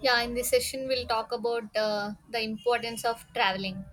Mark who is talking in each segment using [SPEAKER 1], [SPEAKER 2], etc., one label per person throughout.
[SPEAKER 1] Yeah, in this session, we'll talk about the importance of traveling.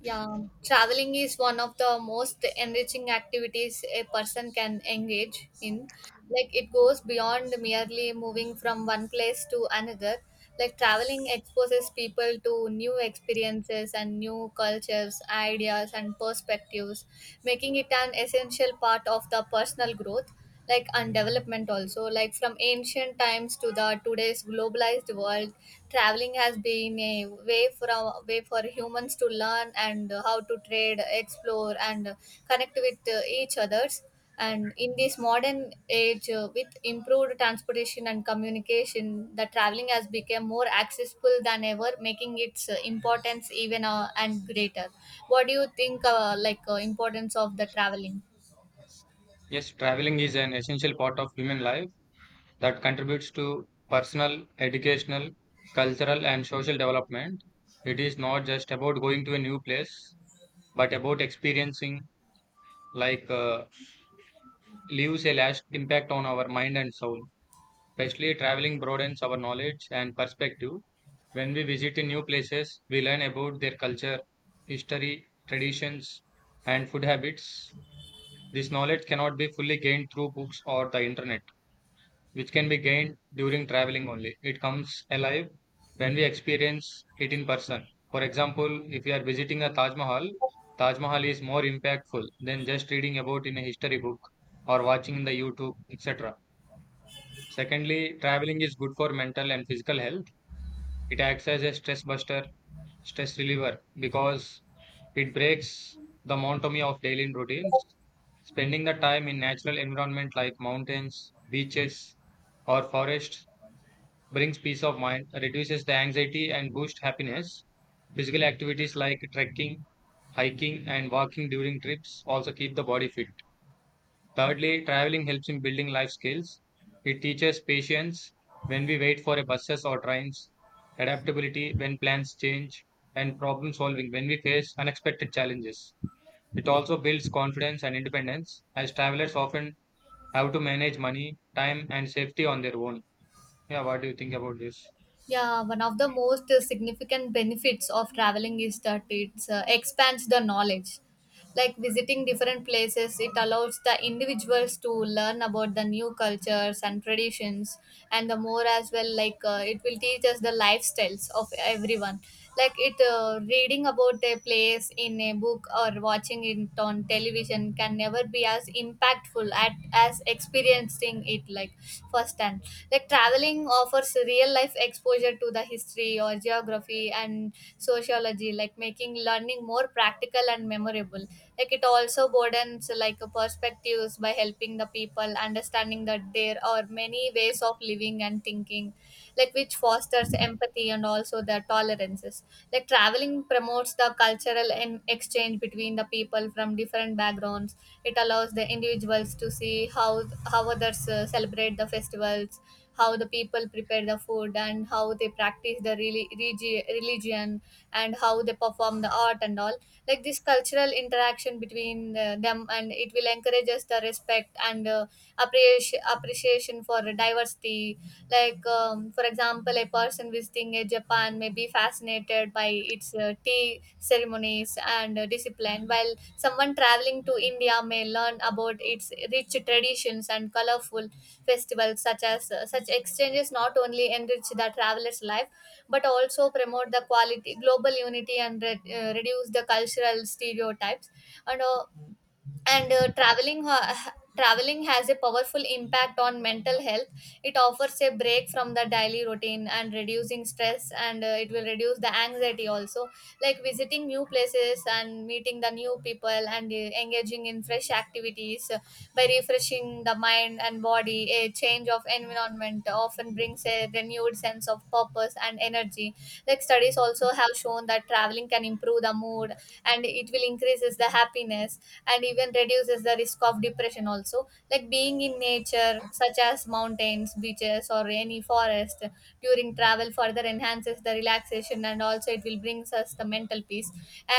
[SPEAKER 1] Yeah, traveling is one of the most enriching activities a person can engage in, like it goes beyond merely moving from one place to another. Like traveling exposes people to new experiences and new cultures, ideas and perspectives, making it an essential part of the personal growth, like, and development also. Like from ancient times to the today's globalized world, traveling has been a way for humans to learn and how to trade, explore and connect with each others. And in this modern age, with improved transportation and communication, the traveling has become more accessible than ever, making its importance even and greater. What do you think, like, importance of the traveling?
[SPEAKER 2] Yes, traveling is an essential part of human life that contributes to personal, educational, cultural, and social development. It is not just about going to a new place, but about experiencing, like, uh, leaves a lasting impact on our mind and soul. Especially traveling broadens our knowledge and perspective. When we visit in new places, we learn about their culture, history, traditions, and food habits. This knowledge cannot be fully gained through books or the internet, which can be gained during traveling only. It comes alive when we experience it in person. For example, if we are visiting a Taj Mahal is more impactful than just reading about in a history book or watching in the YouTube, etc. Secondly, traveling is good for mental and physical health. It acts as a stress reliever because it breaks the monotony of daily routines. Spending the time in natural environment like mountains, beaches, or forests brings peace of mind, reduces the anxiety, and boosts happiness. Physical activities like trekking, hiking, and walking during trips also keep the body fit. Thirdly, traveling helps in building life skills. It teaches patience when we wait for a buses or trains, adaptability when plans change, and problem solving when we face unexpected challenges. It also builds confidence and independence, as travelers often have to manage money, time, and safety on their own. Yeah, what do you think about this?
[SPEAKER 1] Yeah, one of the most significant benefits of traveling is that it expands the knowledge. Like visiting different places, it allows the individuals to learn about the new cultures and traditions, and the more as well. Like it will teach us the lifestyles of everyone. Like it, reading about a place in a book or watching it on television can never be as impactful at as experiencing it, like firsthand. Like traveling offers real life exposure to the history or geography and sociology, like making learning more practical and memorable. Like it also broadens, like, perspectives by helping the people understanding that there are many ways of living and thinking, like, which fosters empathy and also the tolerances. Like traveling promotes the cultural and exchange between the people from different backgrounds. It allows the individuals to see how others celebrate the festivals, how the people prepare the food, and how they practice the religion, and how they perform the art and all. Like this cultural interaction between them, and it will encourage us the respect and appreciation for diversity. Like for example, a person visiting a Japan may be fascinated by its tea ceremonies and discipline, while someone traveling to India may learn about its rich traditions and colorful festivals. Such as such exchanges not only enrich the traveler's life but also promote the quality global unity and reduce the cultural stereotypes. And uh, and uh, traveling has a powerful impact on mental health. It offers a break from the daily routine and reducing stress, and it will reduce the anxiety also. Like visiting new places and meeting the new people and engaging in fresh activities, by refreshing the mind and body. A change of environment often brings a renewed sense of purpose and energy. Like studies also have shown that traveling can improve the mood and it will increases the happiness and even reduces the risk of depression also. Like being in nature such as mountains, beaches, or any forest during travel further enhances the relaxation and also it will brings us the mental peace.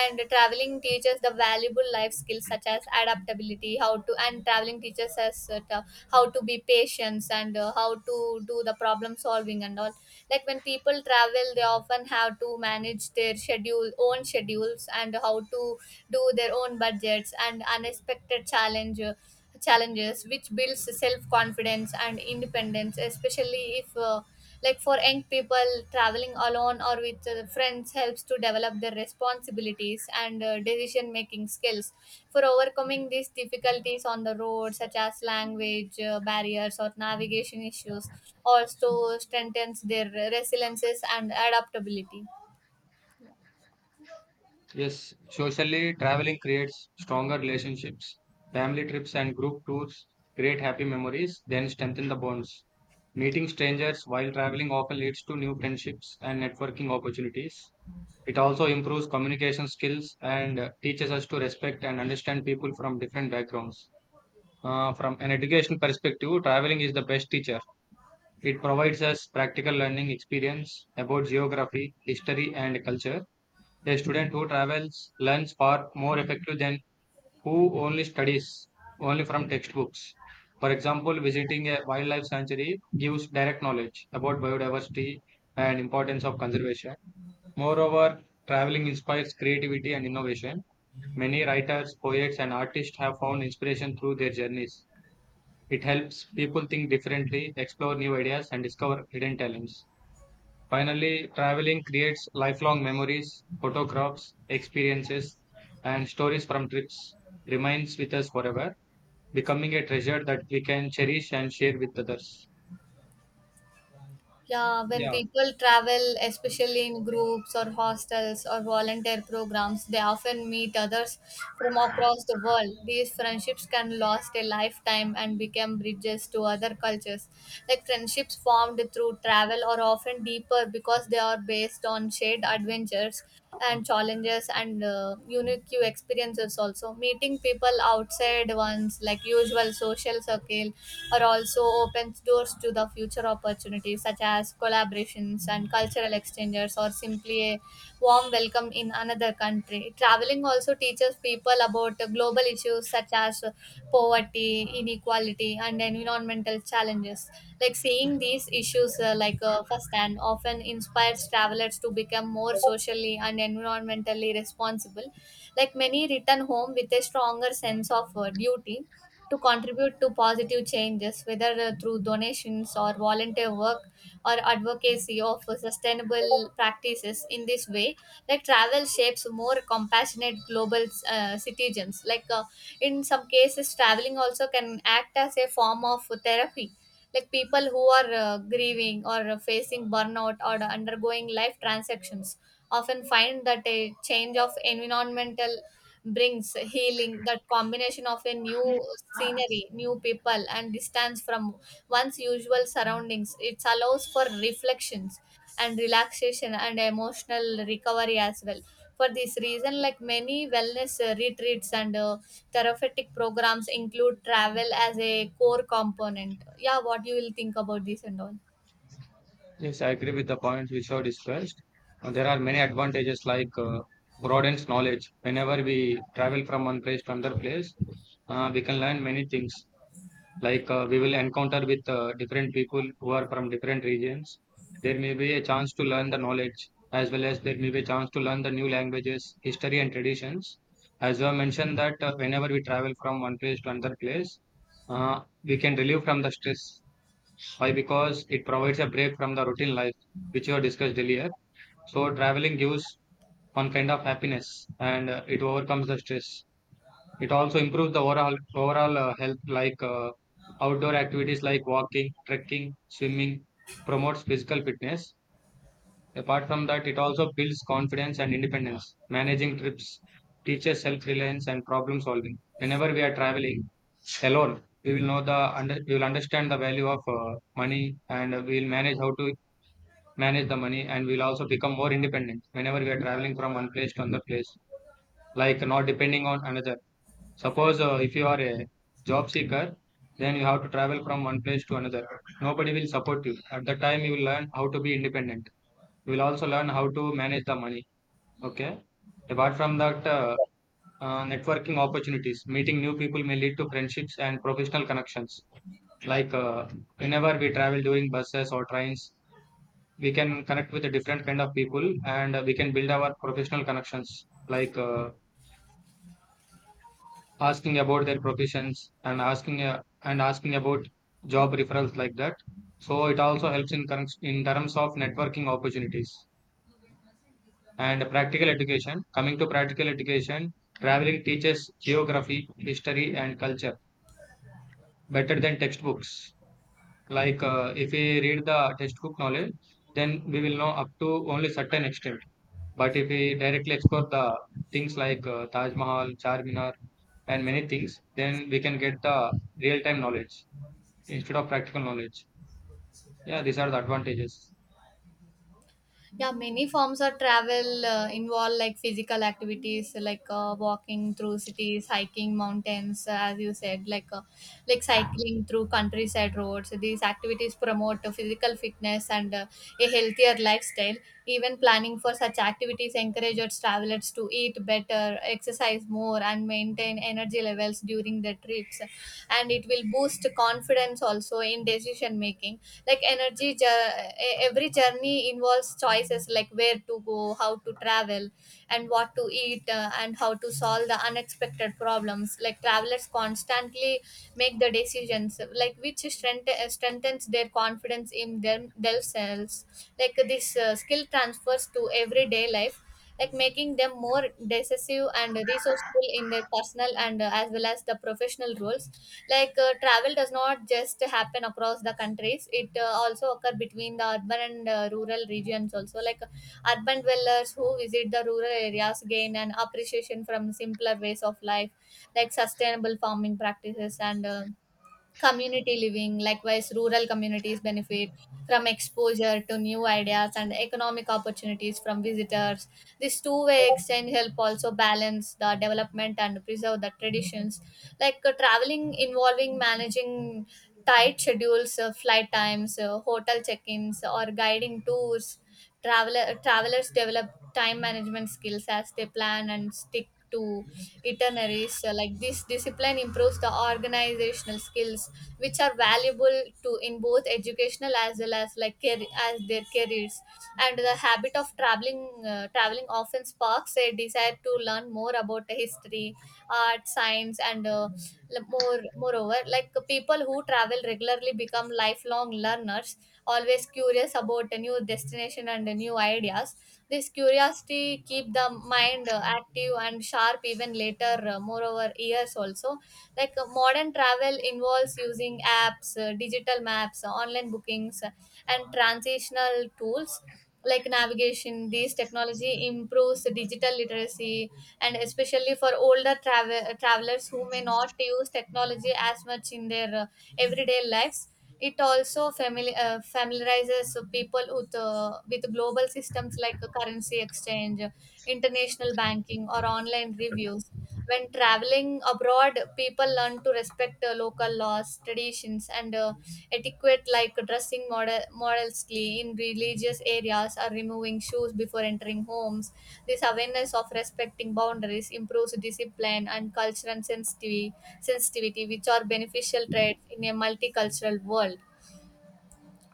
[SPEAKER 1] And traveling teaches the valuable life skills such as adaptability, how to, and traveling teaches us, how to be patient and how to do the problem solving and all. Like when people travel, they often have to manage their schedule own schedules and how to do their own budgets and unexpected challenge challenges, which builds self confidence and independence, especially if like for young people, traveling alone or with friends helps to develop their responsibilities and decision making skills for overcoming these difficulties on the road, such as language barriers or navigation issues, also strengthens their resiliences and adaptability.
[SPEAKER 2] Yes, socially, traveling creates stronger relationships. Family trips and group tours create happy memories, then strengthen the bonds. Meeting strangers while traveling often leads to new friendships and networking opportunities. It also improves communication skills and teaches us to respect and understand people from different backgrounds. From an education perspective, traveling is the best teacher. It provides us practical learning experience about geography, history, and culture. A student who travels learns far more effective than who only studies only from textbooks. For example, visiting a wildlife sanctuary gives direct knowledge about biodiversity and importance of conservation. Moreover, traveling inspires creativity and innovation. Many writers, poets, and artists have found inspiration through their journeys. It helps people think differently, explore new ideas, and discover hidden talents. Finally, traveling creates lifelong memories, photographs, experiences, and stories from trips remains with us forever, becoming a treasure that we can cherish and share with others.
[SPEAKER 1] Yeah, when
[SPEAKER 2] Yeah,
[SPEAKER 1] people travel, especially in groups or hostels or volunteer programs, they often meet others from across the world. These friendships can last a lifetime and become bridges to other cultures. Like friendships formed through travel are often deeper because they are based on shared adventures and challenges and unique experiences. Also, meeting people outside one's, like, usual social circle are also opens doors to the future opportunities such as collaborations and cultural exchanges, or simply a warm welcome in another country. Traveling also teaches people about global issues such as poverty, inequality, and environmental challenges. Like seeing these issues, firsthand, often inspires travelers to become more socially and environmentally responsible. Like many return home with a stronger sense of duty to contribute to positive changes, whether through donations or volunteer work or advocacy of sustainable practices. In this way, like, travel shapes more compassionate global citizens. Like, in some cases, traveling also can act as a form of therapy. Like people who are grieving or facing burnout or undergoing life transactions often find that a change of environmental brings healing. That combination of a new scenery, new people, and distance from one's usual surroundings, it allows for reflections and relaxation and emotional recovery as well. For this reason, like many wellness retreats and therapeutic programs include travel as a core component. Yeah, what you will think about this and all?
[SPEAKER 2] yes, I agree with the points which are discussed. There are many advantages like broadens knowledge. Whenever we travel from one place to another place, we can learn many things, like we will encounter with different people who are from different regions. There may be a chance to learn the knowledge, as well as there may be a chance to learn the new languages, history, and traditions. As I mentioned that whenever we travel from one place to another place, uh, we can relieve from the stress, why because it provides a break from the routine life which you have discussed earlier. So traveling gives one kind of happiness, and it overcomes the stress. It also improves the overall health, like outdoor activities like walking, trekking, swimming, promotes physical fitness. Apart from that, it also builds confidence and independence. Managing trips teaches self-reliance and problem solving. Whenever we are traveling alone, we will understand the value of money, and we will manage how to manage the money, and we'll also become more independent whenever we are traveling from one place to another place, like not depending on another. Suppose if you are a job seeker, then you have to travel from one place to another. Nobody will support you. At the time, you will learn how to be independent. You will also learn how to manage the money. Okay. Apart from that, networking opportunities, meeting new people may lead to friendships and professional connections. Like whenever we travel during buses or trains, we can connect with a different kind of people, and we can build our professional connections. Like asking about their professions and asking about job referrals like that. So it also helps in terms of networking opportunities. And practical education, coming to practical education, traveling teaches geography, history, and culture better than textbooks. Like if we read the textbook knowledge, then we will know up to only certain extent. But if we directly explore the things like Taj Mahal, Charminar, and many things, then we can get the real-time knowledge instead of practical knowledge. Yeah, these are the advantages.
[SPEAKER 1] Yeah, many forms of travel involve like physical activities like walking through cities, hiking mountains, as you said, like, like cycling through countryside roads. These activities promote physical fitness and a healthier lifestyle. Even planning for such activities encourages travelers to eat better, exercise more, and maintain energy levels during their trips. And it will boost confidence also in decision making. like energy jo- every journey involves choices like where to go, how to travel, and what to eat, and how to solve the unexpected problems. Like travelers constantly make the decisions, like, which strengthens their confidence in themselves. Like this skill transfers to everyday life, like making them more decisive and resourceful in their personal and as well as the professional roles. Like travel does not just happen across the countries, it also occur between the urban and rural regions also. Like urban dwellers who visit the rural areas gain an appreciation from simpler ways of life, like sustainable farming practices and community living. Likewise, rural communities benefit from exposure to new ideas and economic opportunities from visitors. This two-way exchange help also balance the development and preserve the traditions. Like traveling involving managing tight schedules, flight times, hotel check ins, or guiding tours. Travelers develop time management skills as they plan and stick to itineraries. So like this discipline improves the organizational skills, which are valuable to in both educational as well as, like, as their careers. And the habit of traveling, traveling often sparks a desire to learn more about the history, art, science, and moreover, like people who travel regularly become lifelong learners, always curious about a new destination and new ideas. This curiosity keep the mind active and sharp even later. Moreover, years also, like modern travel involves using apps, digital maps, online bookings, and transitional tools like navigation. This technology improves digital literacy, and especially for older travelers who may not use technology as much in their everyday lives. It also familiarizes people with global systems like currency exchange, international banking, or online reviews. When traveling abroad, people learn to respect local laws, traditions, and etiquette, like dressing modestly in religious areas or removing shoes before entering homes. This awareness of respecting boundaries improves discipline and cultural sensitivity, which are beneficial traits in a multicultural world.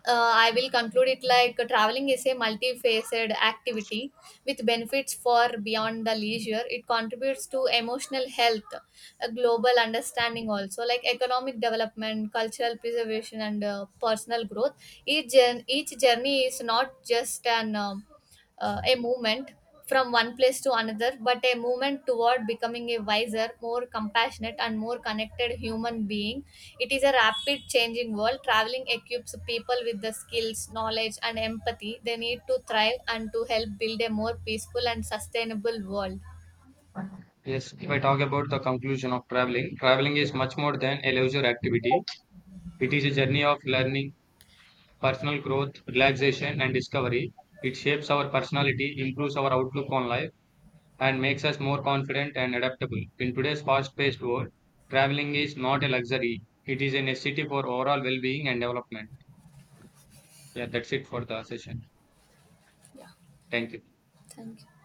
[SPEAKER 1] I will conclude it. Like traveling is a multifaceted activity with benefits for beyond the leisure. It contributes to emotional health, a global understanding, also like economic development, cultural preservation, and personal growth. Each journey is not just an a movement from one place to another, but a movement toward becoming a wiser, more compassionate, and more connected human being. It is a rapid changing world. Traveling equips people with the skills, knowledge, and empathy they need to thrive and to help build a more peaceful and sustainable world.
[SPEAKER 2] Yes, if I talk about the conclusion of traveling, traveling is much more than a leisure activity. It is a journey of learning, personal growth, relaxation, and discovery. It shapes our personality, improves our outlook on life, and makes us more confident and adaptable. In today's fast paced world, traveling is not a luxury, it is a necessity for overall well being and development. Yeah, that's it for the session.
[SPEAKER 1] Yeah,
[SPEAKER 2] Thank you.
[SPEAKER 1] thank you.